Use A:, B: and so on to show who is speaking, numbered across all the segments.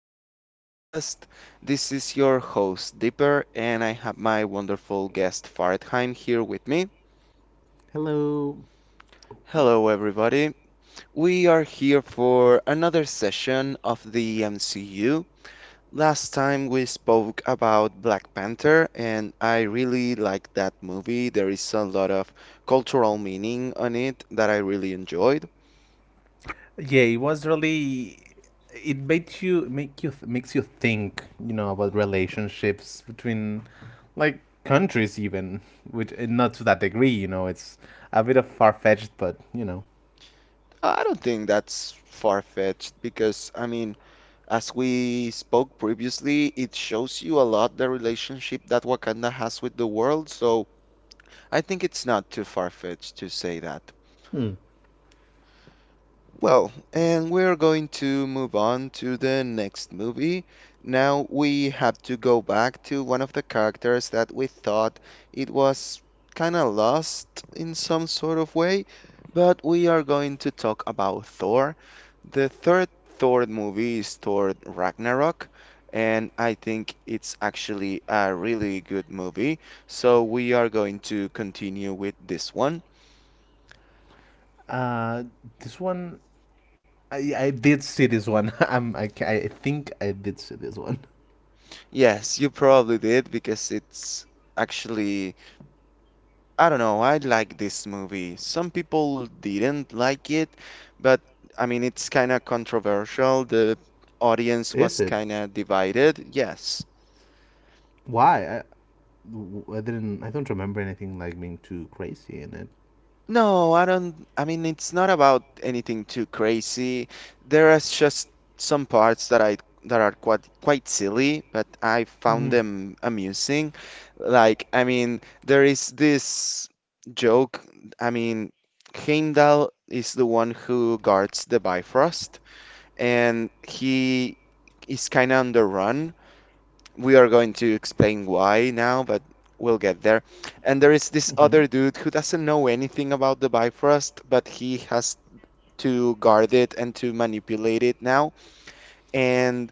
A: to our podcast. This is your host, Dipper, and I have my wonderful guest, Faradheim, here with me.
B: Hello.
A: Hello, everybody. We are here for another session of the MCU. Last time we spoke about Black Panther, and I really like that movie. There is a lot of cultural meaning on it that I really enjoyed.
B: Yeah, it was really. It made you make you makes you think, you know, about relationships between, like countries even, which and not to that degree, you know, it's a bit of far fetched, but you know.
A: I don't think that's far-fetched because, I mean, as we spoke previously, it shows you a lot the relationship that Wakanda has with the world, so I think it's not too far-fetched to say that.
B: Hmm.
A: Well, and we're going to move on to the next movie. Now we have to go back to one of the characters that we thought it was kind of lost in some sort of way, but we are going to talk about Thor. The third Thor movie is Thor Ragnarok, and I think it's actually a really good movie. So we are going to continue with this one.
B: Uh, this one, I did see this one. I think I did see this one.
A: Yes, you probably did because it's actually, I don't know, I like this movie. Some people didn't like it, but I mean, it's kind of controversial. The audience
B: Is
A: was
B: it?
A: kind of divided. Yes.
B: Why? I didn't. I don't remember anything like being too crazy in it.
A: No, I don't. I mean, it's not about anything too crazy. There are just some parts that are quite silly, but I found
B: Hmm
A: them amusing. Like, I mean, there is this joke. I mean, Heimdall is the one who guards the Bifrost, and he is kind of on the run, we are going to explain why now, but we'll get there. And there is this
B: mmhmm
A: other dude who doesn't know anything about the Bifrost, but he has to guard it and to manipulate it now. And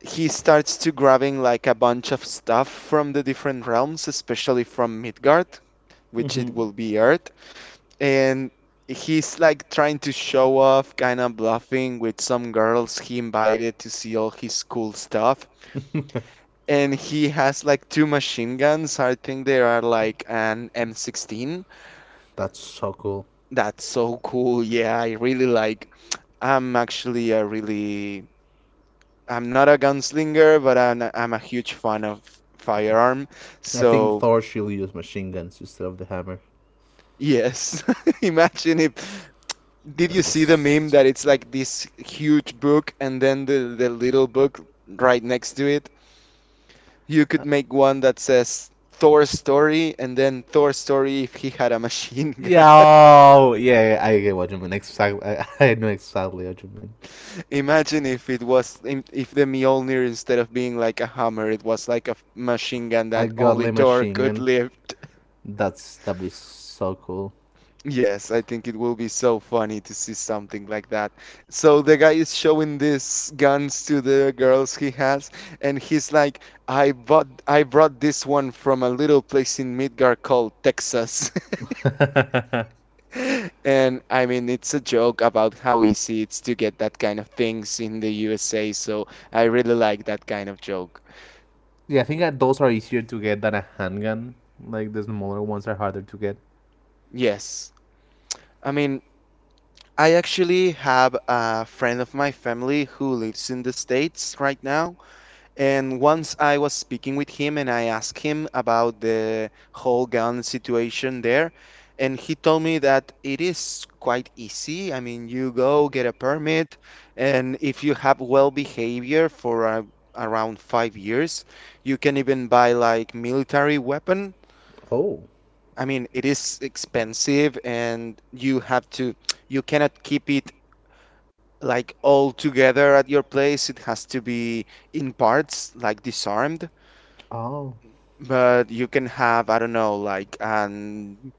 A: he starts to grabbing like a bunch of stuff from the different realms, especially from Midgard, which it
B: mmhmm
A: will be Earth. And he's like trying to show off, kind of bluffing with some girls he invited to see all his cool stuff and he has like two machine guns. I think they are like an M16.
B: That's so cool.
A: That's so cool. Yeah, I really like. I'm actually a really. I'm not a gunslinger, but I'm a huge fan of firearm.
B: I think
A: So
B: Thor should use machine guns instead of the hammer.
A: yes, imagine if. Did
B: That
A: you see the meme
B: was.
A: that it's like this huge book and then the little book right next to it? You
B: Uh,
A: could make one that says. Thor's story, and then Thor's story if he had a machine gun.
B: Yeah, yeah, I get what you mean. Exactly, I, I know exactly what you mean.
A: Imagine if it was im- if the Mjolnir instead of being like a hammer, it was like a machine gun
B: A
A: that only
B: godly
A: Thor
B: machine
A: could
B: gun.
A: lift.
B: That's that'd be so cool.
A: Yes, I think it will be so funny to see something like that. So the guy is showing these guns to the girls he has, and he's like, I brought this one from a little place in Midgard called Texas."
B: Yeah,
A: And I mean, it's a joke about how easy it's to get that kind of things in the USA, so I really like that kind of joke.
B: I think that those are easier to get than a handgun. Like the smaller ones are harder to get.
A: Yes. I mean, I actually have a friend of my family who lives in the States right now. And once I was speaking with him and I asked him about the whole gun situation there. And he told me that it is quite easy. I mean, you go get a permit, and if you have well behavior for around 5 years, you can even buy like military weapon.
B: Oh.
A: I mean, it is expensive and you cannot keep it like all together at your place. It has to be in parts, like disarmed.
B: Oh.
A: But you can have, I don't know, like an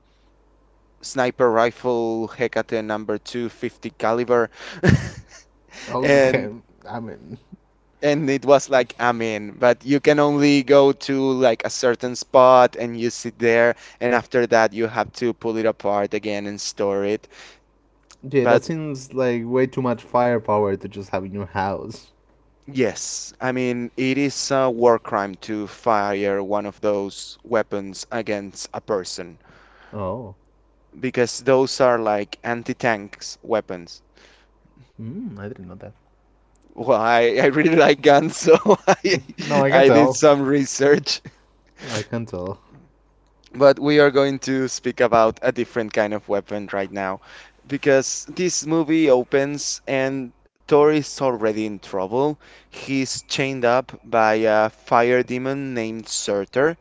A: sniper rifle Hecate number 250 caliber.
B: Okay.
A: And
B: I mean,
A: and it was like, I mean, but you can only go to like a certain spot and you sit there, and after that you have to pull it apart again and store it.
B: yeah, that seems like way too much firepower to just have in your house.
A: Yes, I mean, it is a war crime to fire one of those weapons against a person
B: Oh.
A: because those are like anti-tanks weapons.
B: Mm, I didn't know that.
A: Well, I really like guns, so I,
B: No, I can
A: I did
B: tell.
A: some research.
B: I can tell.
A: But we are going to speak about a different kind of weapon right now because this movie opens and Thor is already in trouble. He's chained up by a fire demon named Surtur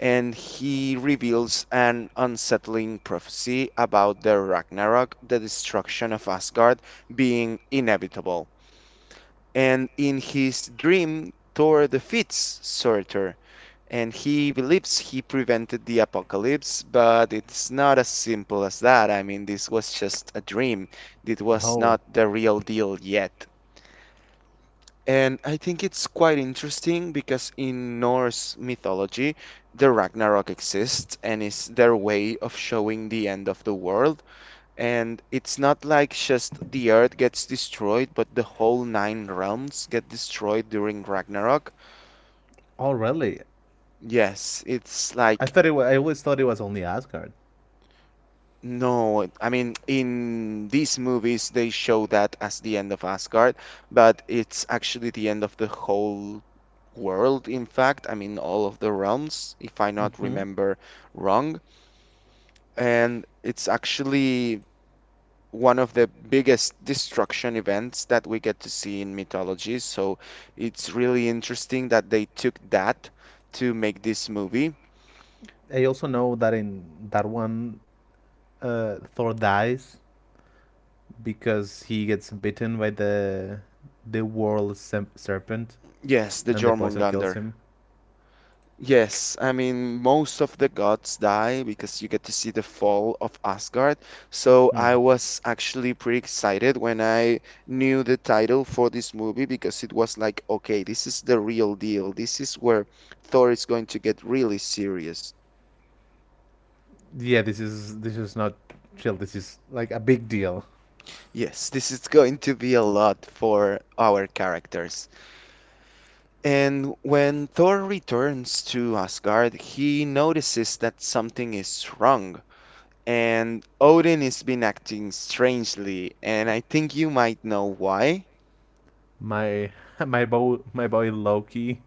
A: and he reveals an unsettling prophecy about the Ragnarok, the destruction of Asgard, being inevitable. And in his dream, Thor defeats Surtur, and he believes he prevented the apocalypse, but it's not as simple as that. I mean, this was just a dream, it was
B: Oh.
A: not the real deal yet. And I think it's quite interesting because in Norse mythology, the Ragnarok exists and is their way of showing the end of the world. And it's not like just the earth gets destroyed, but the whole nine realms get destroyed during Ragnarok.
B: Oh, really?
A: Yes, it's like.
B: I always thought it was only Asgard.
A: No, I mean in these movies they show that as the end of Asgard, but it's actually the end of the whole world, in fact. I mean all of the realms, if I not
B: Hmm
A: remember wrong. And it's actually one of the biggest destruction events that we get to see in mythology. So it's really interesting that they took that to make this movie.
B: I also know that in that one, Thor dies because he gets bitten by the the world serpent,
A: Yes, the
B: and the poison kills
A: Jormungandr.
B: him.
A: Yes, I mean, most of the gods die because you get to see the fall of Asgard. So
B: Hmm.
A: I was actually pretty excited when I knew the title for this movie because it was like, okay, this is the real deal. This is where Thor is going to get really serious.
B: Yeah, this is not chill. This is like a big deal.
A: Yes, this is going to be a lot for our characters. And when Thor returns to Asgard, he notices that something is wrong. And Odin has been acting strangely, and I think you might know why.
B: My my boy Loki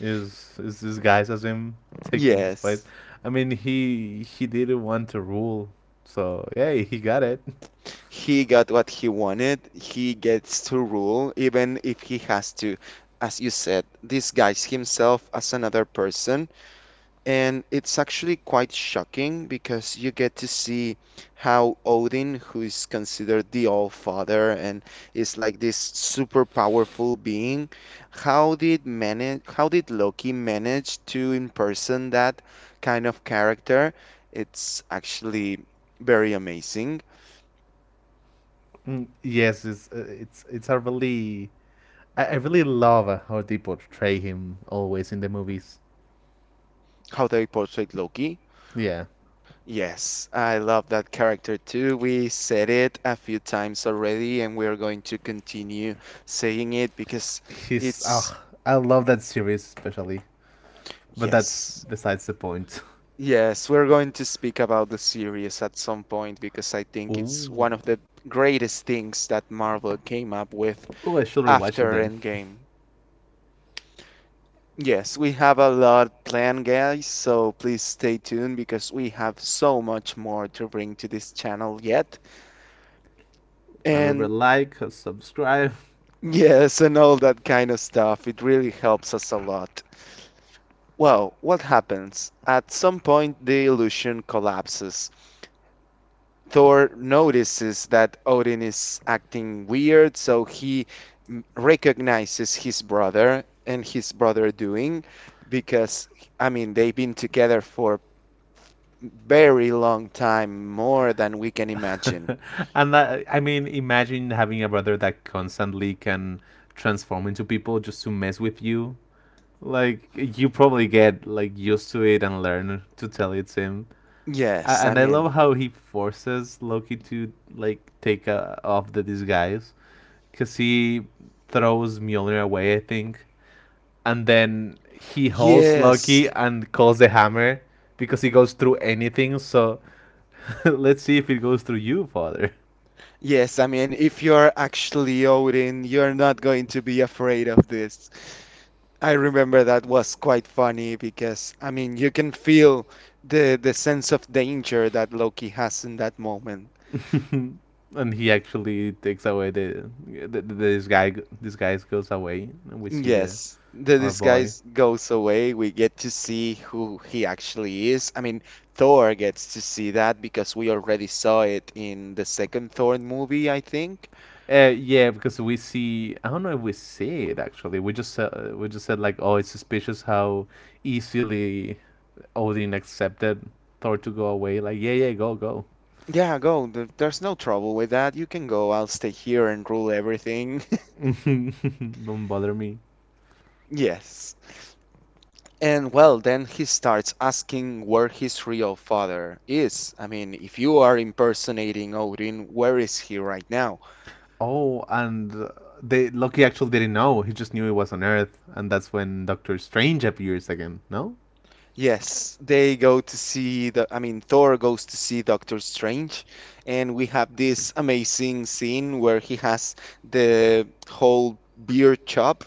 B: is disguised as him taking his place.
A: Yes.
B: I mean, he didn't want to rule, so yeah, he got it.
A: He got what he wanted. He gets to rule, even if he has to, as you said, disguise himself as another person. And it's actually quite shocking because you get to see how Odin, who is considered the All Father and is like this super powerful being, how did Loki manage to imperson that kind of character? It's actually very amazing
B: Mm. Yes, it's a really, I really love how they portray him always in the movies.
A: how they portrayed Loki.
B: Yeah,
A: Yes, I love that character too. We said it a few times already, and we're going to continue saying it
B: he's
A: it's,
B: ah, I love that series especially, but that's
A: yes,
B: besides the point.
A: yes, we're going to speak about the series at some point because I think it's
B: Ooh,
A: one of the greatest things that Marvel came up with
B: oh, I should rewatch it
A: after
B: then.
A: Endgame. Yes, we have a lot planned, guys, so please stay tuned because we have so much more to bring to this channel yet. And
B: Remember, like, subscribe.
A: Yes, and all that kind of stuff. It really helps us a lot. Well, what happens? At some point, the illusion collapses. Thor notices that Odin is acting weird, so he recognizes his brother and his brother doing because, I mean, they've been together for very long time, more than we can imagine.
B: And I mean, imagine having a brother that constantly can transform into people just to mess with you. Like you probably get like used to it and learn to tell it's him.
A: Yes, I
B: And I
A: mean,
B: love how he forces Loki to like take off the disguise because he throws Mjolnir away, I think, and then he holds Loki
A: yes.
B: and calls the hammer because he goes through anything. So let's see if it goes through you, father.
A: Yes, I mean, if you're actually Odin, you're not going to be afraid of this. I remember that was quite funny because, I mean, you can feel the sense of danger that Loki has in that moment.
B: And he actually takes away this guy. This guy goes away, and we see the
A: Yes, the
B: our boy.
A: disguise goes away. We get to see who he actually is. I mean, Thor gets to see that because we already saw it in the second Thor movie, I think.
B: Yeah, because we see. I don't know if we see it actually. We just said like, oh, it's suspicious how easily Odin accepted Thor to go away. Like, yeah, yeah, go, go.
A: Yeah, go. There- There's no trouble with that. You can go. I'll stay here and rule everything.
B: Don't bother me.
A: Yes. And well, then he starts asking where his real father is. I mean, if you are impersonating Odin, where is he right now?
B: Oh, and they Loki actually didn't know. He just knew he was on Earth, and that's when Doctor Strange appears again. No?
A: Yes, they go to see the, I mean, Thor goes to see Doctor Strange, and we have this amazing scene where he has the whole beer chop,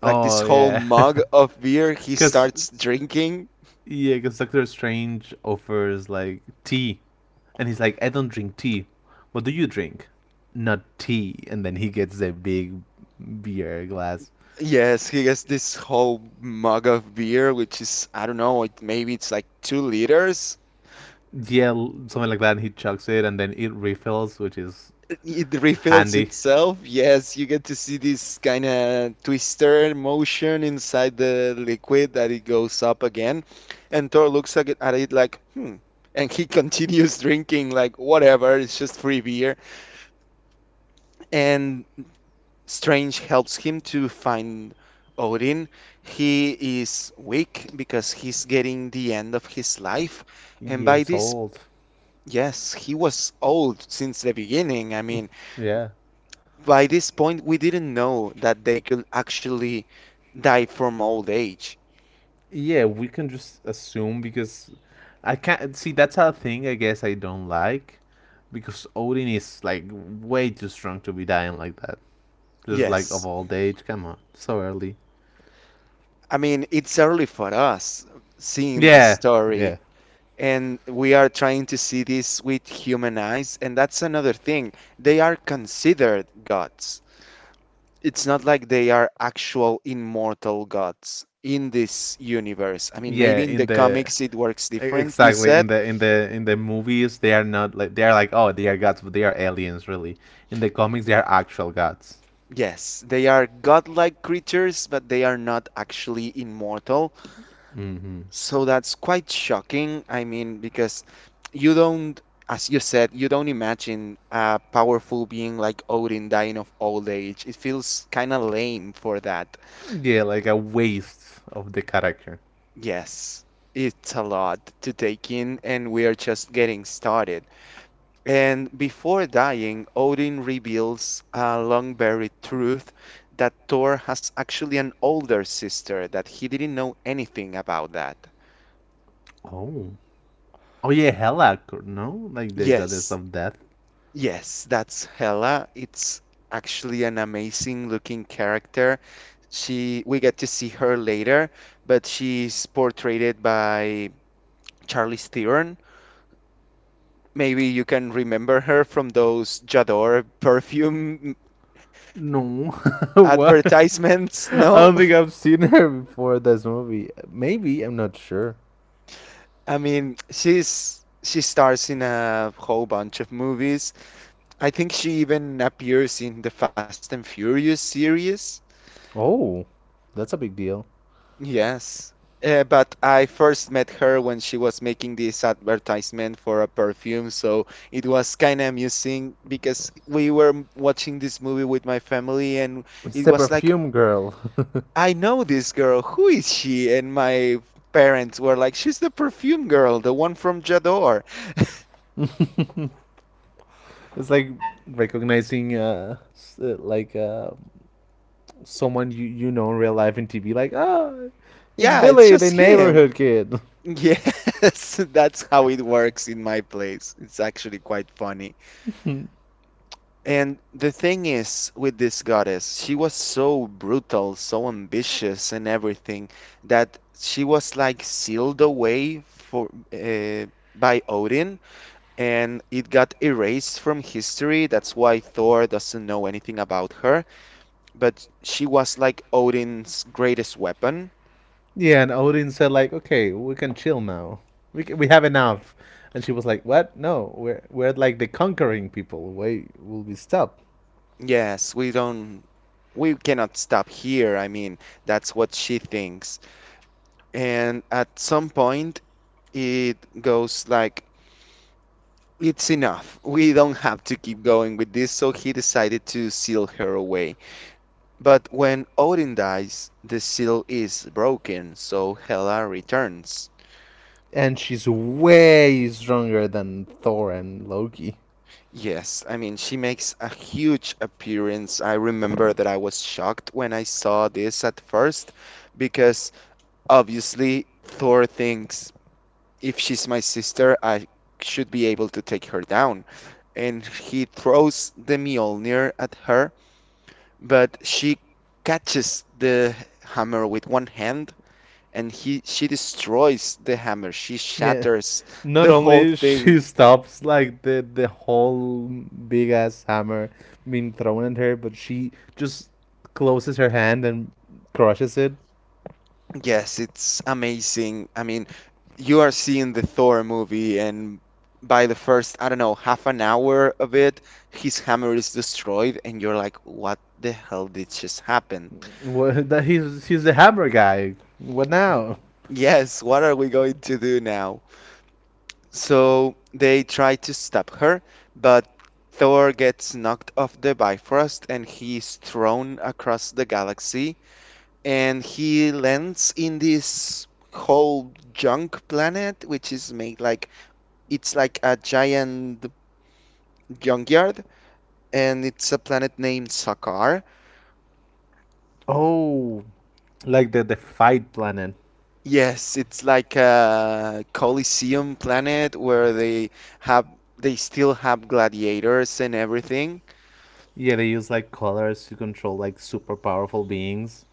A: like this
B: Oh
A: whole
B: yeah,
A: mug of beer he
B: because
A: starts drinking.
B: yeah, because Doctor Strange offers like tea, and he's like, "I don't drink tea. What do you drink? Not tea." And then he gets a big beer glass.
A: Yes, he gets this whole mug of beer, which is, I don't know, it, maybe it's like 2 liters.
B: Yeah, something like that. And he chucks it, and then it refills, which is
A: It refills
B: handy.
A: itself. Yes, you get to see this kind of twister motion inside the liquid that it goes up again. And Thor looks at it like, hmm. And he continues drinking, like, whatever, it's just free beer. And Strange helps him to find Odin. He is weak because he's getting the end of his life. And
B: Yeah,
A: by
B: he's
A: this,
B: old.
A: yes, he was old since the beginning. I mean,
B: Yeah.
A: by this point, we didn't know that they could actually die from old age.
B: Yeah, we can just assume because I can't see that's a thing I guess I don't like because Odin is like way too strong to be dying like that. Just like of
A: Yes.
B: old age, come on, so early.
A: I mean, it's early for us seeing the
B: Yeah,
A: story,
B: yeah.
A: and we are trying to see this with human eyes. And that's another thing. They are considered gods. It's not like they are actual immortal gods in this universe. I mean,
B: Yeah,
A: maybe in the
B: in the
A: comics it works different, you
B: exactly
A: said.
B: in the in the movies, they are not like they are like oh they are gods, but they are aliens really. In the comics, they are actual gods.
A: Yes, they are godlike creatures, but they are not actually immortal.
B: Hmm
A: So that's quite shocking. I mean, because you don't, as you said, you don't imagine a powerful being like Odin dying of old age. It feels kind of lame for that.
B: Yeah, like a waste of the character.
A: Yes, it's a lot to take in, and we are just getting started. And before dying, Odin reveals a long buried truth that Thor has actually an older sister, that he didn't know anything about that.
B: Oh. Oh yeah, Helak, no? Like the goddess
A: Yes,
B: of death.
A: yes, that's Hela. It's actually an amazing looking character. She, we get to see her later, but she's portrayed by Charlize Theron. Maybe you can remember her from those J'adore perfume
B: No, what?
A: advertisements, no?
B: I don't think I've seen her before this movie. Maybe I'm not sure.
A: I mean, she stars in a whole bunch of movies. I think she even appears in the Fast and Furious series.
B: Oh, that's a big deal.
A: Yes. But I first met her when she was making this advertisement for a perfume, so it was kind of amusing because we were watching this movie with my family, and
B: It's
A: it
B: the
A: was like,
B: perfume girl.
A: I know this girl. Who is she? And my parents were like, she's the perfume girl, the one from Jador.
B: It's like recognizing like someone you know in real life in TV. Like ah, it's
A: Yeah, it's
B: Billy, the
A: just him.
B: neighborhood kid.
A: Yes, that's how it works in my place. It's actually quite funny. And the thing is, with this goddess, she was so brutal, so ambitious, and everything that she was like sealed away for by Odin, and it got erased from history. That's why Thor doesn't know anything about her. But she was like Odin's greatest weapon.
B: Yeah, and Odin said like, "Okay, we can chill now. We can, we have enough." And she was like, "What? No, we're like the conquering people. Why will we stop?"
A: Yes, we don't, we cannot stop here. I mean, that's what she thinks. And at some point, it goes like, it's enough. We don't have to keep going with this. So he decided to seal her away. But when Odin dies, the seal is broken. So Hela returns.
B: And she's way stronger than Thor and Loki.
A: Yes, I mean, she makes a huge appearance. I remember that I was shocked when I saw this at first because obviously Thor thinks, if she's my sister, I should be able to take her down. And he throws the Mjolnir at her, but she catches the hammer with one hand, and he, she destroys the hammer. She
B: Yeah.
A: shatters
B: Not
A: the whole
B: only
A: thing.
B: she stops like the whole big ass hammer being thrown at her, but she just closes her hand and crushes it
A: Yes, it's amazing. I mean, you are seeing the Thor movie, and by the first, I don't know, half an hour of it, his hammer is destroyed and you're like, what the hell did just happen?
B: like, what that he's the hammer guy. What now?
A: Yes, what are we going to do now? So they try to stop her, but Thor gets knocked off the Bifrost and he's thrown across the galaxy, and he lands in this whole junk planet which is made like, it's like a giant junkyard, and it's a planet named Sakaar.
B: Oh, like the fight planet.
A: Yes, it's like a Coliseum planet where they have, they still have gladiators and everything.
B: Yeah, they use like colors to control like super powerful beings.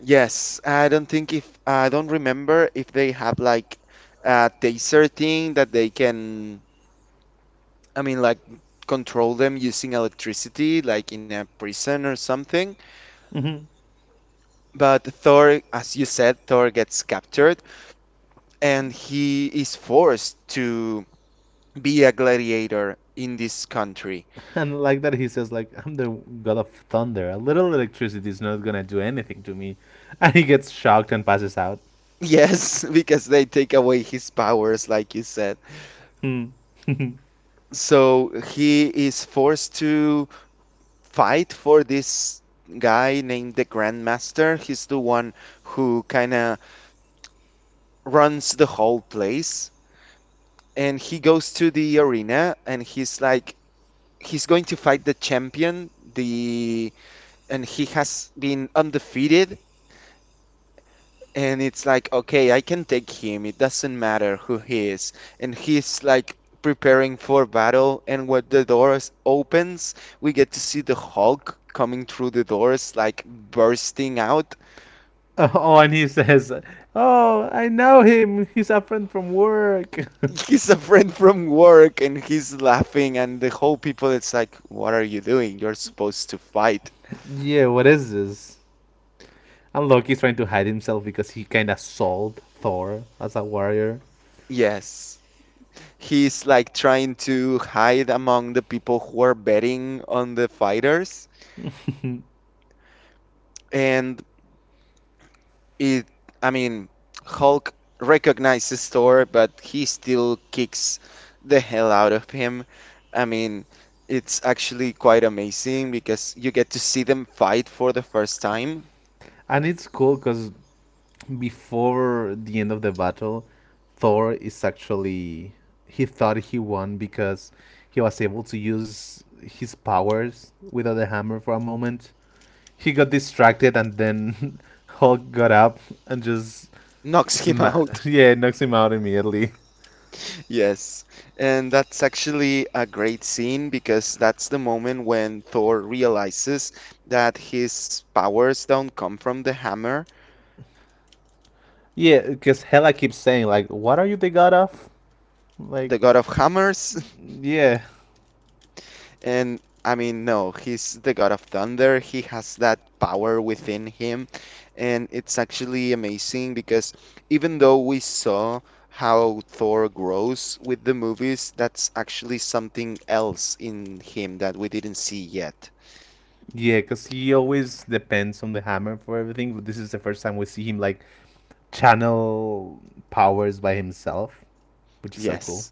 A: Yes, I don't think, if I don't remember if they have like a taser thing that they can, I mean like, control them using electricity like in a prison or something.
B: Hmm
A: But Thor, as you said, Thor gets captured and he is forced to be a gladiator in this country.
B: And like that, he says like I'm the god of thunder. A little electricity is not gonna do anything to me, and he gets shocked and passes out.
A: Yes, because they take away his powers, like you said.
B: Hmm.
A: So he is forced to fight for this guy named the Grandmaster. He's the one who kind of runs the whole place. And he goes to the arena and he's like, he's going to fight the champion, the and he has been undefeated. And it's like, okay, I can take him. It doesn't matter who he is. And he's like preparing for battle. And when the doors opens, we get to see the Hulk coming through the doors, like bursting out.
B: Oh, and he says, "Oh, I know him. He's a friend from work."
A: He's a friend from work and he's laughing. And the whole people, it's like, what are you doing? You're supposed to fight.
B: Yeah, what is this? And Loki's trying to hide himself because he kind of sold Thor as a warrior.
A: Yes. He's like trying to hide among the people who are betting on the fighters.
B: And
A: And It, I mean, Hulk recognizes Thor, but he still kicks the hell out of him. I mean, it's actually quite amazing because you get to see them fight for the first time.
B: it's cool because before the end of the battle, Thor is actually he thought he won because he was able to use his powers without the hammer for a moment he got distracted and then Hulk got up and just
A: Knocks him out.
B: yeah knocks him out immediately.
A: Yes. And that's actually a great scene because that's the moment when Thor realizes that his powers don't come from the hammer,
B: Yeah, because Hela keeps saying like, "What are you the god of?" Like,
A: the god of hammers.
B: yeah.
A: And I mean, no, he's the god of thunder. He has that power within him. And it's actually amazing because even though we saw how Thor grows with the movies, that's actually something else in him that we didn't see yet.
B: Yeah, because he always depends on the hammer for everything. But this is the first time we see him like channel powers by himself, which is so cool.
A: Yes,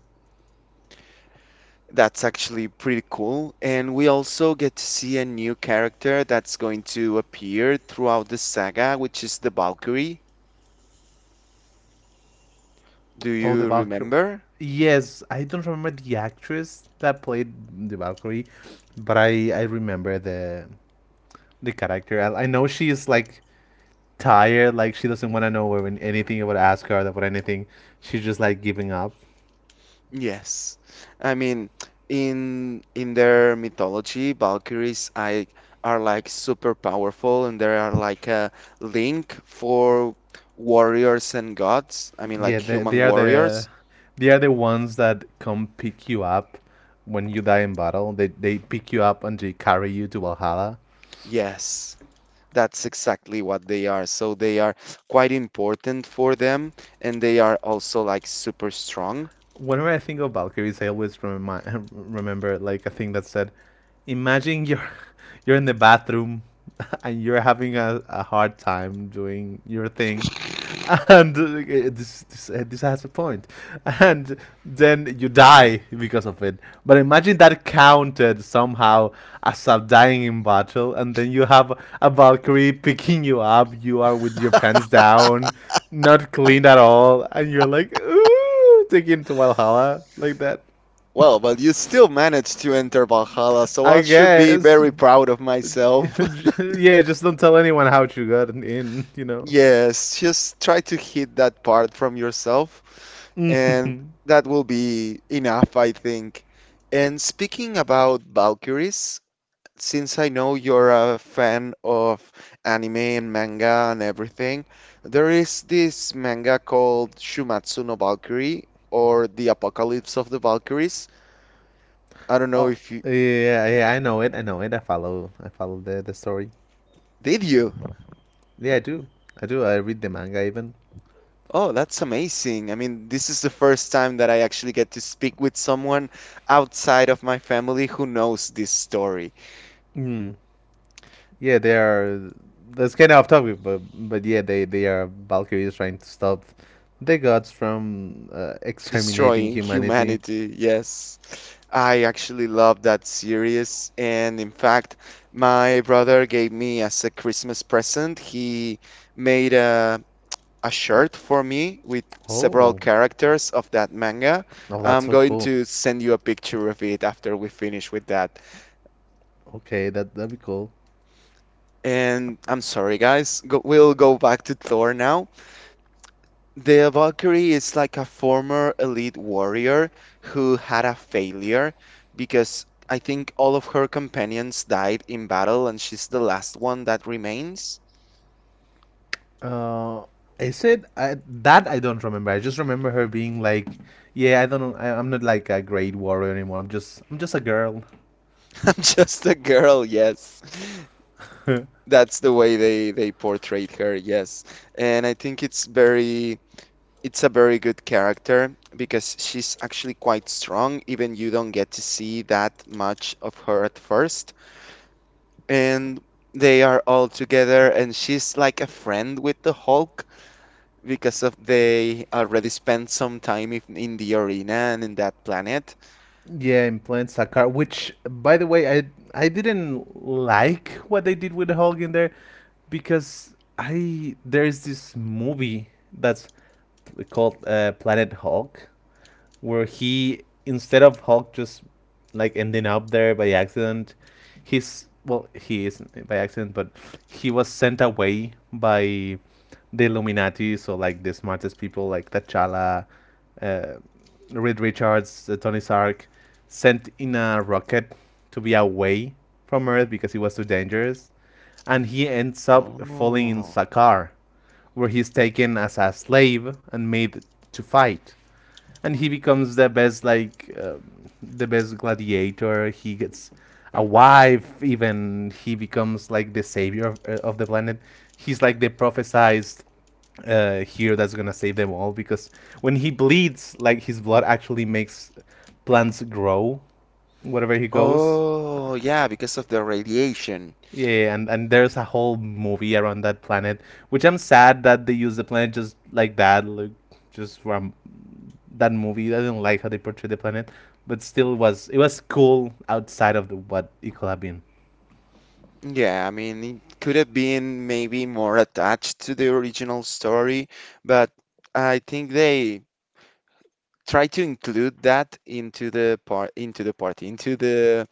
A: that's actually pretty cool. And we also get to see a new character that's going to appear throughout the saga, which is the Valkyrie. Do
B: Oh, the
A: you
B: Valkyrie.
A: remember?
B: Yes, I don't remember the actress that played the Valkyrie, but I remember the character. I know she's like tired, like she doesn't want to know when anything about Asgard about anything. She's just like giving up.
A: Yes. I mean, in their mythology, Valkyries I are like super powerful and they are like a link for warriors and gods. I mean
B: Yeah,
A: like human warriors.
B: they are the ones that come pick you up when you die in battle. They pick you up and they carry you to Valhalla
A: Yes. That's exactly what they are. So they are quite important for them, and they are also like super strong.
B: whenever I think of Valkyries, I always remi- remember like a thing that said, "Imagine you're you're in the bathroom and you're having a hard time doing your thing, and this has a point, and then you die because of it. But imagine that counted somehow as a dying in battle, and then you have a Valkyrie picking you up. You are with your pants down." Not clean at all, and you're like, Ooh! Take him to Valhalla like that.
A: Well, but you still managed to enter Valhalla, so
B: I
A: I should be
B: guess.
A: very proud of myself.
B: Yeah, just don't tell anyone how you got in. You know.
A: Yes, just try to hit that part from yourself, and that will be enough, I think. And speaking about Valkyries, since I know you're a fan of anime and manga and everything, there is this manga called Shumatsu no Valkyrie, or The Apocalypse of the Valkyries. I don't know
B: Oh
A: if you,
B: yeah, yeah. I know it. I follow the story.
A: did you?
B: Yeah, I do. I do. I read the manga even.
A: Oh, that's amazing. I mean, this is the first time that I actually get to speak with someone outside of my family who knows this story.
B: Mm. Yeah, they are. That's kind of off topic, but yeah, they are Valkyries trying to stop the gods from exterminating
A: Destroying
B: humanity.
A: humanity, yes. I actually love that series. And in fact, my brother gave me as a Christmas present, he made a shirt for me with several
B: Oh.
A: characters of that manga.
B: Oh, that's
A: I'm
B: so
A: going
B: cool.
A: to send you a picture of it after we finish with that.
B: Okay, that that'd be cool.
A: And I'm sorry, guys. We'll go back to Thor now. The Valkyrie is like a former elite warrior who had a failure because I think all of her companions died in battle, and she's the last one that remains.
B: Uh, I said I, that I don't remember. I just remember her being like, "Yeah, I don't know. I'm not like a great warrior anymore. I'm just a girl."
A: I'm just a girl, yes. That's the way they portrayed her, yes. And I think it's very, it's a very good character because she's actually quite strong, even you don't get to see that much of her at first, and they are all together and she's like a friend with the Hulk because of they already spent some time in the arena and in that planet.
B: Yeah, implants Sakar. Which, by the way, I didn't like what they did with the Hulk in there, because I there's this movie that's called Planet Hulk where he instead of Hulk just like ending up there by accident, he's well he isn't by accident, but he was sent away by the Illuminati, so like the smartest people like T'Challa, uh, Reed Richards, Tony Stark, sent in a rocket to be away from Earth because it was too dangerous, and he ends up falling in
A: Oh.
B: Sakaar, where he's taken as a slave and made to fight and he becomes the best like the best gladiator. He gets a wife. Even he becomes like the savior of the planet. He's like the prophesized here that's gonna save them all because when he bleeds, like his blood actually makes plants grow wherever he goes.
A: Oh, yeah, because of the radiation.
B: Yeah, yeah, and there's a whole movie around that planet, which I'm sad that they use the planet just like that, like just from that movie. I didn't like how they portrayed the planet, but still was it was cool outside of the, what it could have been.
A: Yeah, I mean, it could have been maybe more attached to the original story, but I think they try to include that into the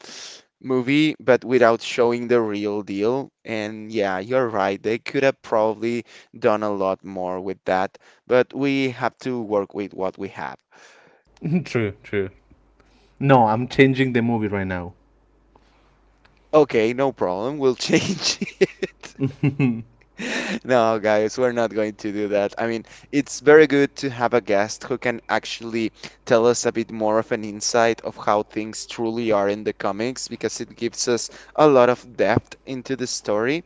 A: movie, but without showing the real deal, and yeah, you're right, they could have probably done a lot more with that, but we have to work with what we have.
B: True, true. No, I'm changing the movie right now.
A: Okay, no problem, we'll change. No, guys, we're not going to do that. I mean, it's very good to have a guest who can actually tell us a bit more of an insight of how things truly are in the comics because it gives us a lot of depth into the story.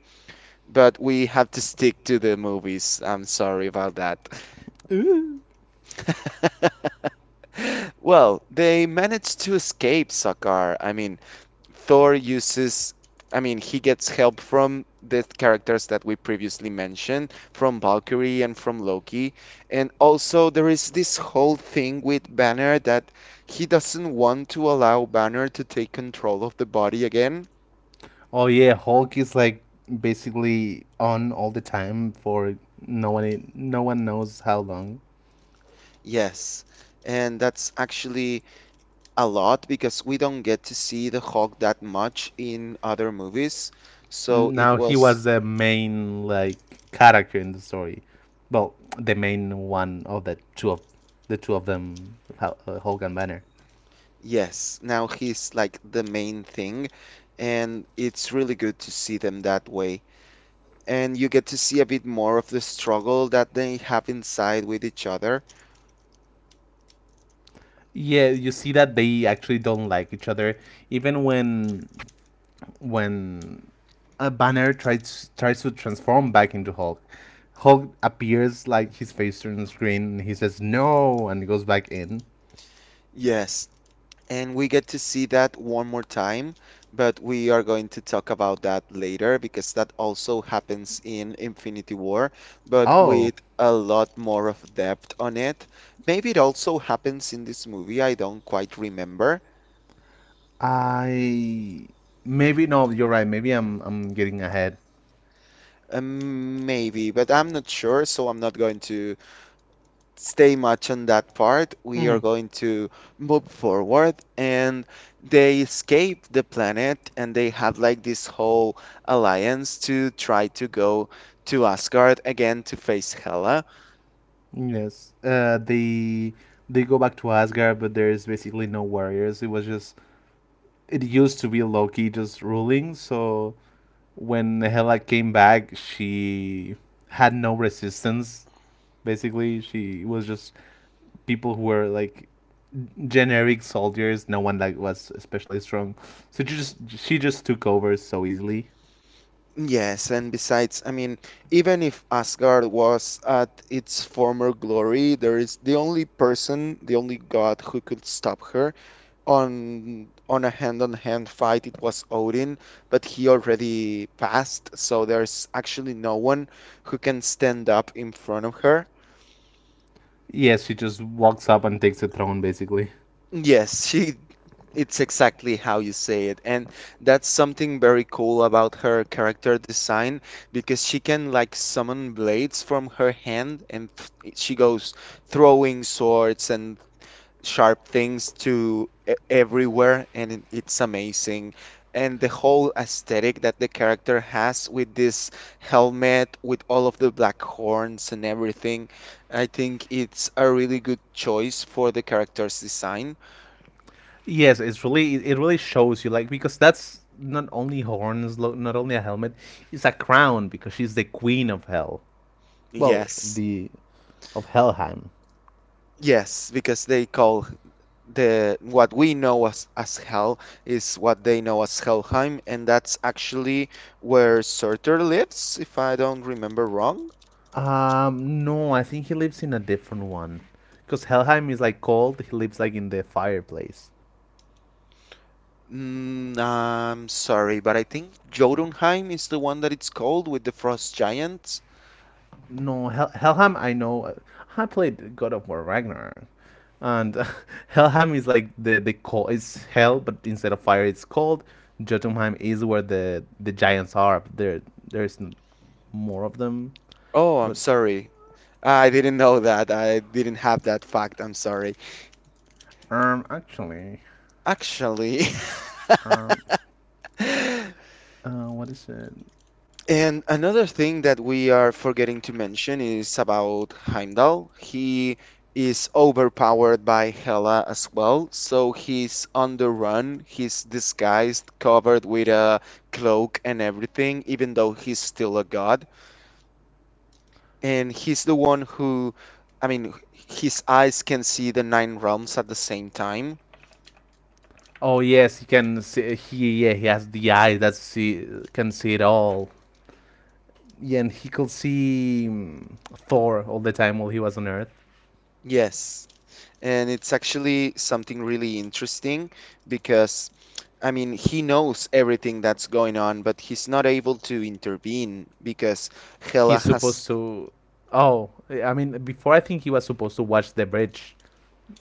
A: But we have to stick to the movies. I'm sorry about that.
B: Ooh.
A: Well, they managed to escape Sakaar. I mean, Thor uses, I mean, he gets help from the characters that we previously mentioned, from Valkyrie and from Loki. And also, there is this whole thing with Banner that he doesn't want to allow Banner to take control of the body again.
B: Oh yeah, Hulk is like basically on all the time for no one knows how long.
A: Yes. And that's actually a lot because we don't get to see the Hulk that much in other movies. So it
B: Now he
A: was,
B: was the main like character in the story. Well, the main one of the two of them, Hulk and Banner.
A: yes, now he's like the main thing, and it's really good to see them that way. And you get to see a bit more of the struggle that they have inside with each other.
B: Yeah, you see that they actually don't like each other, even when a Banner tries to transform back into Hulk. Hulk appears like his face turns green and he says no and he goes back in.
A: Yes, and we get to see that one more time, but we are going to talk about that later because that also happens in Infinity War, but
B: Oh.
A: with a lot more of depth on it. Maybe it also happens in this movie, I don't quite remember.
B: I Maybe no, you're right. Maybe I'm getting ahead.
A: Maybe, but I'm not sure, so I'm not going to stay much on that part. We
B: Hmm
A: are going to move forward, and they escape the planet, and they have like this whole alliance to try to go to Asgard again to face Hela.
B: Yes. They go back to Asgard, but there is basically no warriors. It was just it used to be Loki just ruling. So when Hela came back, she had no resistance. Basically, she was just people who were like generic soldiers. No one like was especially strong. So she just took over so easily.
A: Yes, and besides, I mean, even if Asgard was at its former glory, there is the only person, the only god who could stop her on a hand-on-hand fight, it was Odin, but he already passed, so there's actually no one who can stand up in front of her.
B: Yes, she just walks up and takes the throne basically.
A: Yes, she it's exactly how you say it, and that's something very cool about her character design because she can like summon blades from her hand and th she goes throwing swords and sharp things to everywhere and it's amazing. And the whole aesthetic that the character has with this helmet with all of the black horns and everything, I think it's a really good choice for the character's design.
B: Yes, it's really it really shows you like because that's not only horns, not only a helmet, it's a crown because she's the queen of hell. Well,
A: Yes,
B: the of Helheim.
A: yes, because they call the what we know as hell is what they know as Helheim, and that's actually where Surtur lives if I don't remember wrong.
B: No, I think he lives in a different one because Helheim is like cold. He lives like in the fireplace.
A: Mm, I'm sorry, but I think Jotunheim is the one that it's called with the frost giants.
B: No, Helheim. I know. I played God of War Ragnarok, and Helheim is like the cold. It's hell, but instead of fire, it's cold. Jotunheim is where the giants are. But there there's more of them.
A: Oh, I'm
B: But
A: sorry. I didn't know that. I didn't have that fact. I'm sorry.
B: actually,
A: Actually,
B: um, what is it?
A: and another thing that we are forgetting to mention is about Heimdall. He is overpowered by Hela as well, so he's on the run. He's disguised, covered with a cloak and everything, even though he's still a god. And he's the one who, I mean, his eyes can see the nine realms at the same time.
B: Oh yes, he can see. He yeah, he has the eye that see can see it all. Yeah, and he could see Thor all the time while he was on Earth.
A: Yes. And it's actually something really interesting because, I mean, he knows everything that's going on, but he's not able to intervene because Hela
B: He's supposed
A: has,
B: to. Oh, I mean, before I think he was supposed to watch the bridge,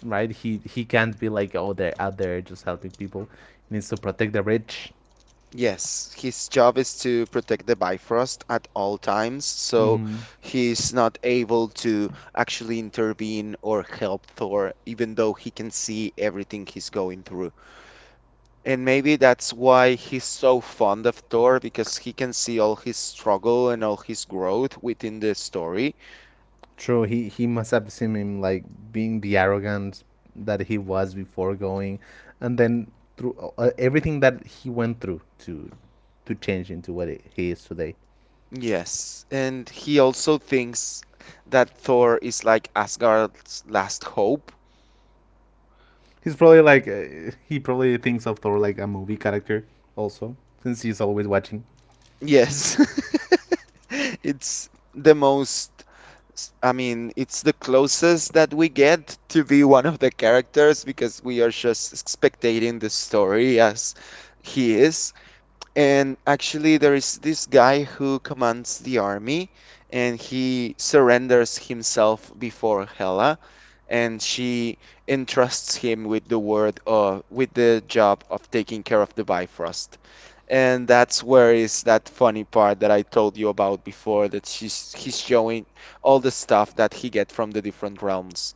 B: right? He can't be like, oh, they're out there just helping people. He needs to protect the bridge.
A: yes, his job is to protect the Bifrost at all times. So
B: Mm-hmm.
A: he's not able to actually intervene or help Thor, even though he can see everything he's going through. And maybe that's why he's so fond of Thor because he can see all his struggle and all his growth within the story.
B: True, he must have seen him like being the arrogant that he was before going, and then through everything that he went through to change into what it, he is today.
A: Yes, and he also thinks that Thor is like Asgard's last hope.
B: He's probably like he probably thinks of Thor like a movie character also, since he's always watching.
A: Yes, it's the most, I mean, it's the closest that we get to be one of the characters because we are just spectating the story as he is. And actually, there is this guy who commands the army, and he surrenders himself before Hela, and she entrusts him with the word with the job of taking care of the Bifrost. And that's where is that funny part that I told you about before that she's he's showing all the stuff that he get from the different realms.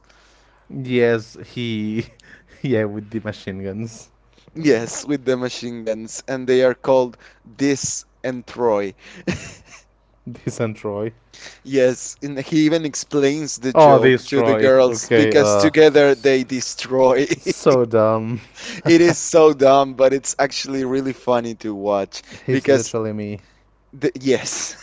B: Yes, he. Yeah, with the machine guns.
A: Yes, with the machine guns, and they are called Dis and Troy.
B: This and Troy.
A: Yes, and he even explains the
B: Oh,
A: joke
B: this
A: to the
B: Troy.
A: girls
B: Okay,
A: because
B: uh.
A: together
B: s-
A: they destroy.
B: so dumb.
A: It is so dumb, but it's actually really funny to watch
B: He's
A: because
B: literally me.
A: yes,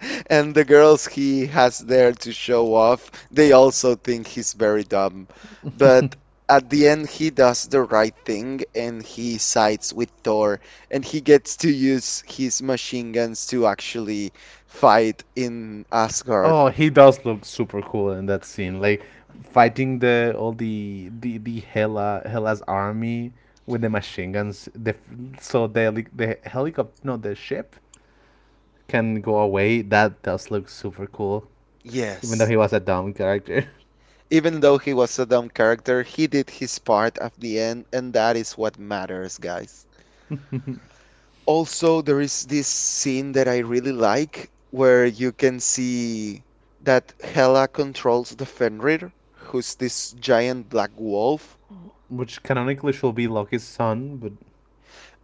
A: and the girls he has there to show off, they also think he's very dumb. But at the end, he does the right thing and he sides with Thor and he gets to use his machine guns to actually fight in Asgard.
B: Oh, he does look super cool in that scene. Like fighting the all the Hela Hela's army with the machine guns. So the the helicopter, no, the ship can go away. That does look super cool. Even though
A: Yes,
B: he was a dumb character.
A: even though he was a dumb character, he did his part at the end, and that is what matters, guys. Also, there is this scene that I really like where you can see that Hela controls the Fenrir, who's this giant black wolf.
B: Which canonically should be Loki's son, but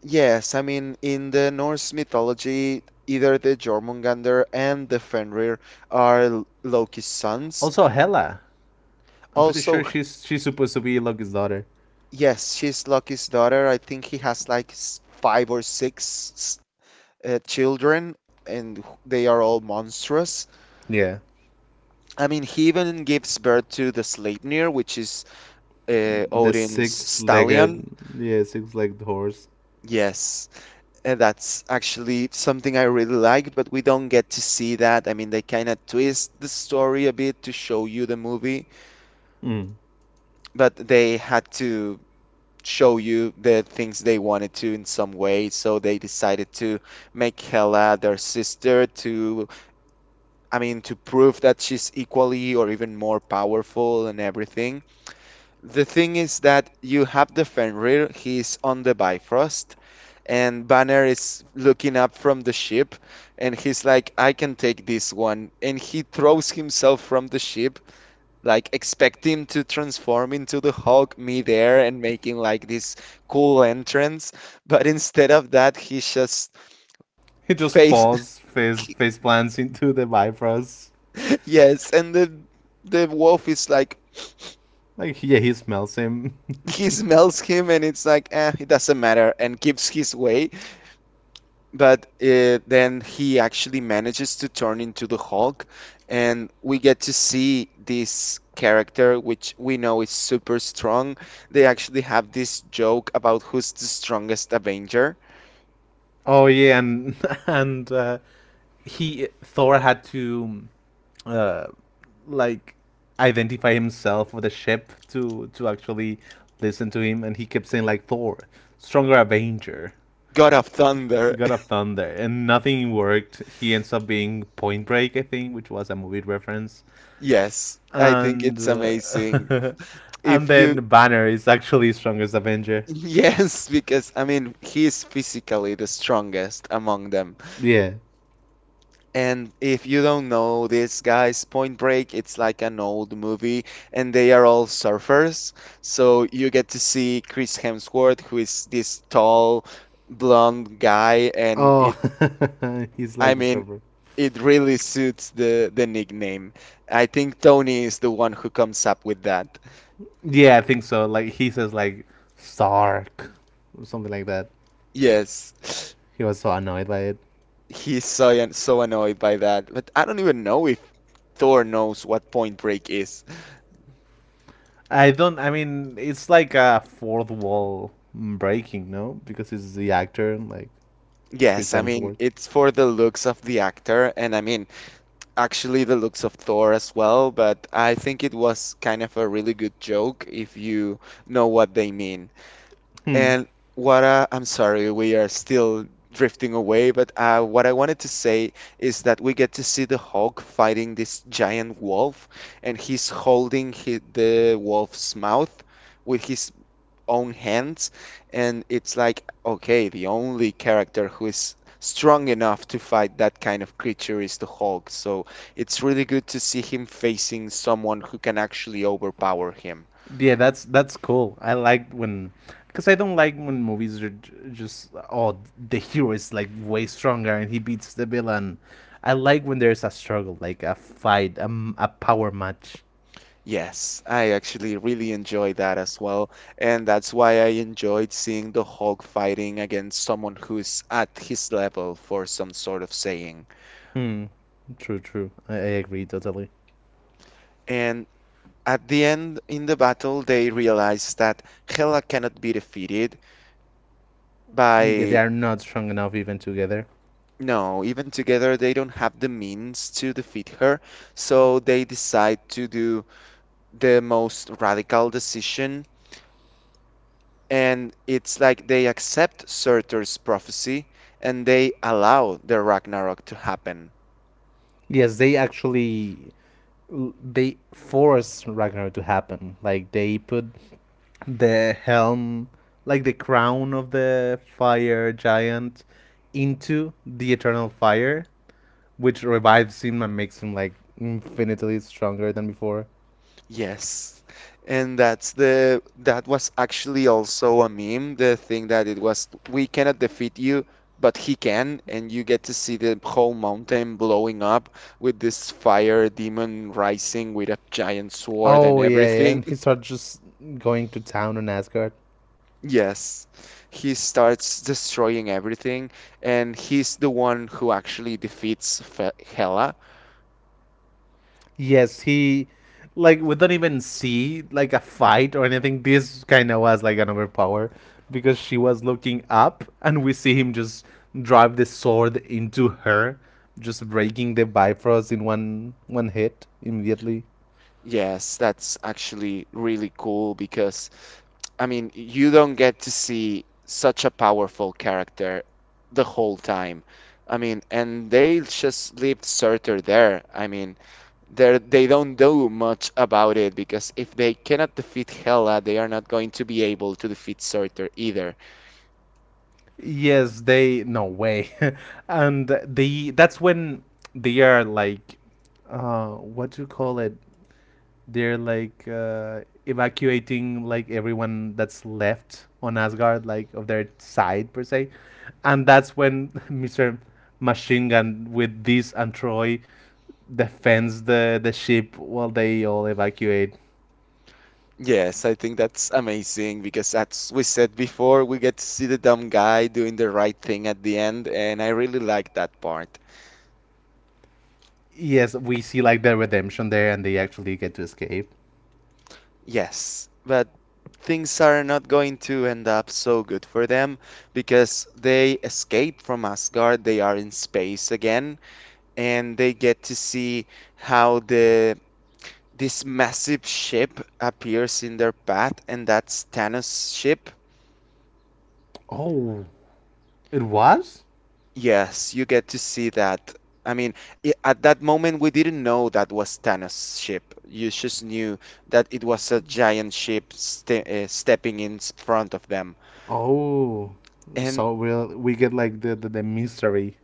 A: Yes, I mean, in the Norse mythology, either the Jormungandr and the Fenrir are Loki's sons.
B: also Hela. I'm pretty
A: Also,
B: sure she's supposed to be Loki's daughter.
A: yes, she's Loki's daughter. I think he has like five or six children, and they are all monstrous.
B: Yeah,
A: I mean, he even gives birth to the Sleipnir, which is
B: the
A: Odin's
B: six-legged,
A: stallion.
B: yeah, six-legged horse.
A: Yes, and that's actually something I really like, but we don't get to see that. I mean, they kind of twist the story a bit to show you the movie,
B: Mm.
A: but they had to show you the things they wanted to in some way, so they decided to make Hela their sister to I mean, to prove that she's equally or even more powerful and everything. The thing is that you have the Fenrir, he's on the Bifrost, and Banner is looking up from the ship, and he's like, I can take this one. And he throws himself from the ship, like expecting to transform into the Hulk midair and making like this cool entrance. But instead of that, he just
B: He just
A: face.
B: falls face plants into the Bifrost.
A: Yes, and the wolf is like,
B: Like yeah, he smells him.
A: he smells him and it's like eh, it doesn't matter and gives his way. But then he actually manages to turn into the Hulk, and we get to see this character which we know is super strong. They actually have this joke about who's the strongest Avenger.
B: Oh yeah, and and he Thor had to uh, like identify himself with the ship to actually listen to him, and he kept saying like Thor, stronger Avenger,
A: God of
B: the
A: thunder.
B: God of Thunder, and nothing worked. He ends up being Point Break, I think, which was a movie reference,
A: Yes, I think
B: and
A: it's amazing.
B: and
A: If
B: then
A: you
B: Banner is actually strongest Avenger.
A: yes, because I mean he's physically the strongest among them.
B: Yeah.
A: And if you don't know this, guys, Point Break, it's like an old movie, and they are all surfers. So you get to see Chris Hemsworth, who is this tall, blonde guy, and
B: Oh,
A: it,
B: he's
A: I
B: like the
A: mean,
B: surfer.
A: it really suits the nickname. I think Tony is the one who comes up with that.
B: Yeah, I think so. Like he says, like Sark, or something like that.
A: Yes,
B: He was so annoyed by it.
A: he's so annoyed by that, but I don't even know if Thor knows what Point Break is.
B: I don't. I mean, it's like a fourth wall breaking, no? Because it's the actor, like Chris
A: Yes, I mean,
B: Hemsworth.
A: it's for the looks of the actor, and I mean, actually the looks of Thor as well, but I think it was kind of a really good joke if you know what they mean.
B: Hmm.
A: And I'm sorry, we are still drifting away, but what I wanted to say is that we get to see the Hulk fighting this giant wolf, and he's holding hi the wolf's mouth with his own hands. And it's like okay, the only character who is strong enough to fight that kind of creature is the Hulk, so it's really good to see him facing someone who can actually overpower him.
B: Yeah, that's cool. I like when, because I don't like when movies are just oh the hero is like way stronger and he beats the villain. I like when there's a struggle, like a fight, a, a power match.
A: Yes, I actually really enjoy that as well, and that's why I enjoyed seeing the Hulk fighting against someone who's at his level for some sort of saying.
B: Hmm. True, true. I agree totally.
A: And at the end in the battle they realize that Hela cannot be defeated
B: Mm, yeah, they
A: by
B: are not strong enough even together.
A: no, even together they don't have the means to defeat her, so they decide to do the most radical decision. And it's like they accept Surtur's prophecy and they allow the Ragnarok to happen.
B: Yes, they actually they force Ragnarok to happen. Like they put the helm, like the crown of the fire giant, into the eternal fire, which revives him and makes him like infinitely stronger than before.
A: Yes. And that's the that was actually also a meme, the thing that it was we cannot defeat you, but he can, and you get to see the whole mountain blowing up with this fire demon rising with a giant sword and
B: Oh yeah, yeah,
A: everything.
B: and he starts just going to town on Asgard.
A: Yes. He starts destroying everything, and he's the one who actually defeats Fe Hela.
B: Yes, he like we don't even see like a fight or anything. This kind of was like an overpower because she was looking up and we see him just drive the sword into her, just breaking the Bifrost in one hit immediately.
A: Yes, that's actually really cool because I mean, you don't get to see such a powerful character the whole time. I mean, and they just leave Surtur there. I mean, they don't do much about it because if they cannot defeat Hela, they are not going to be able to defeat Surtur either.
B: Yes, they no way, and the that's when they are like, what do you call it? They're like evacuating like everyone that's left on Asgard, like of their side per se, and that's when Mister Machine Gun with this and Troy defends the ship while they all evacuate.
A: Yes, I think that's amazing because as we said before, we get to see the dumb guy doing the right thing at the end, and I really like that part.
B: Yes, we see like their redemption there, and they actually get to escape.
A: Yes, but things are not going to end up so good for them because they escape from Asgard, they are in space again, and they get to see how the this massive ship appears in their path, and that's Thanos' ship.
B: Oh, it was.
A: Yes, you get to see that. I mean, at that moment, we didn't know that was Thanos' ship. You just knew that it was a giant ship stepping in front of them.
B: Oh, so
A: And
B: we'll, we get like the mystery.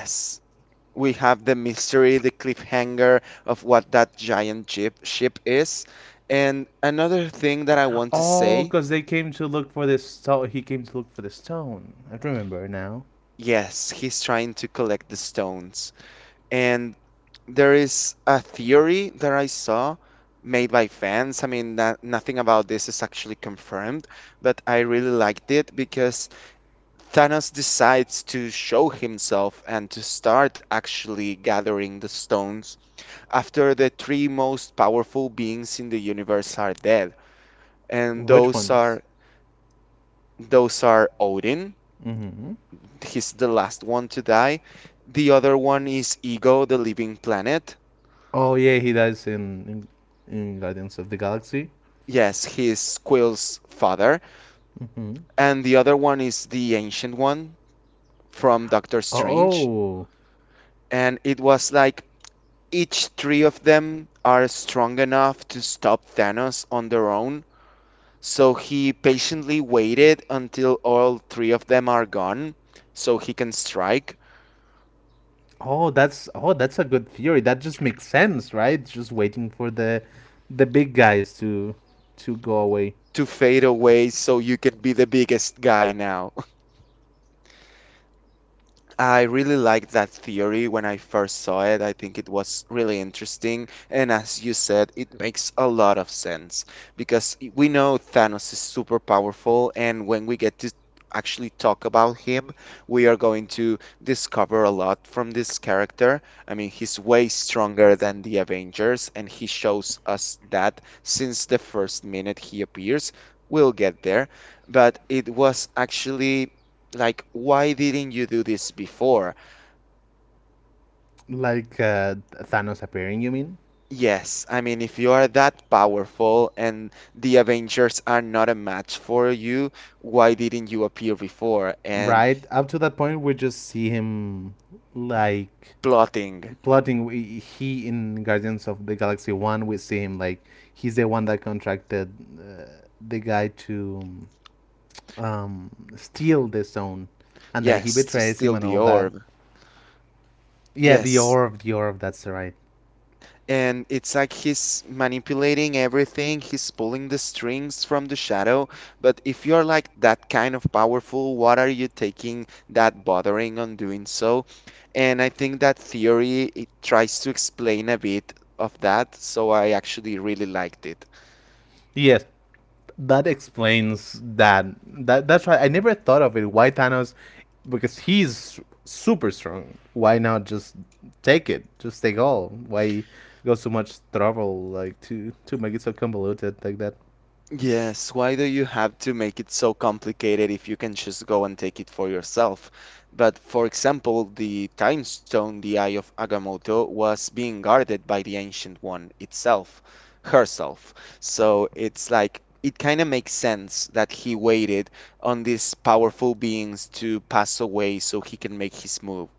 A: yes, we have the mystery, the cliffhanger of what that giant ship is. And another thing that I want to
B: Oh,
A: say,
B: because they came to look for this stone. He came to look for the stone. I remember now.
A: yes, he's trying to collect the stones. And there is a theory that I saw made by fans. I mean, nothing about this is actually confirmed, but I really liked it because Thanos decides to show himself and to start actually gathering the stones after the three most powerful beings in the universe are dead. And
B: Which
A: those
B: ones?
A: are Odin,
B: Mm-hmm.
A: he's the last one to die. The other one is Ego, the living planet.
B: Oh yeah, he dies in Guardians of the Galaxy.
A: Yes, he's Quill's father.
B: Mm-hmm.
A: And the other one is the Ancient One from Doctor Strange.
B: Oh,
A: And it was like each three of them are strong enough to stop Thanos on their own. So he patiently waited until all three of them are gone so he can strike
B: oh, that's a good theory. That just makes sense, right? Just waiting for the big guys to go away.
A: to fade away so you can be the biggest guy now. I really liked that theory when I first saw it. I think it was really interesting. And as you said, it makes a lot of sense because we know Thanos is super powerful. And when we get to actually talk about him, we are going to discover a lot from this character. I mean, he's way stronger than the Avengers, and he shows us that since the first minute he appears. We'll get there. But it was actually like, why didn't you do this before?
B: Like Thanos appearing, you mean?
A: Yes, I mean, if you are that powerful and the Avengers are not a match for you, why didn't you appear before? And
B: Right up to that point, we just see him like
A: plotting,
B: plotting. We, he in Guardians of the Galaxy One, we see him like he's the one that contracted uh, the guy to steal the stone, and then he
A: yes, to
B: betrays him
A: steal
B: and
A: the
B: all that.
A: orb.
B: Yeah, the
A: Yes.
B: Orr of the orb. That's right.
A: And it's like he's manipulating everything, he's pulling the strings from the shadow. But if you're like that kind of powerful, what are you taking that bothering on doing so? And I think that theory, it tries to explain a bit of that, so I actually really liked it.
B: Yes, that explains that. That that's right. I never thought of it. Why Thanos? Because he's super strong. Why not just take it? Just take all. Why go so much trouble like to make it so convoluted like that?
A: Yes, why do you have to make it so complicated if you can just go and take it for yourself? But for example, the time stone, the Eye of Agamotto, was being guarded by the Ancient One herself. So it's like it kind of makes sense that he waited on these powerful beings to pass away so he can make his move.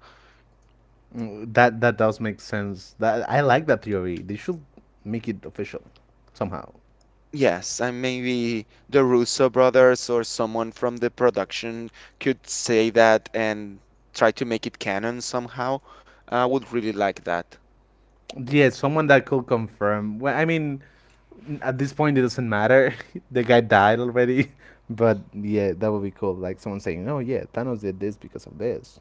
B: Mm, that that does make sense. That I like that theory. They should make it official somehow.
A: Yes, and maybe the Russo brothers or someone from the production could say that and try to make it canon somehow. I would really like that.
B: Yeah, someone that could confirm. Well, I mean, at this point, it doesn't matter. The guy died already. But yeah, that would be cool. Like someone saying, "Oh yeah, Thanos did this because of this."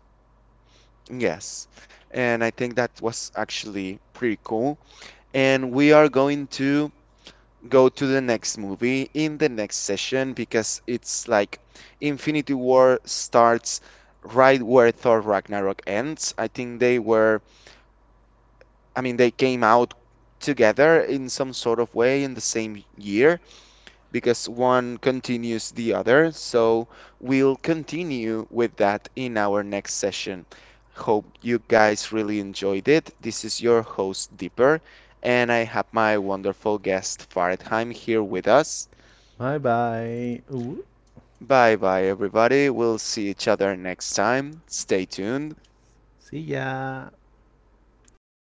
A: Yes, and I think that was actually pretty cool. And we are going to go to the next movie in the next session because it's like Infinity War starts right where Thor Ragnarok ends. I think they were I mean, they came out together in some sort of way in the same year because one continues the other. So we'll continue with that in our next session. Hope you guys really enjoyed it. This is your host, Dipper, and I have my wonderful guest, Faridheim, here with us.
B: Bye bye. Ooh,
A: Bye bye, everybody. We'll see each other next time. Stay tuned.
B: see ya. Ooh.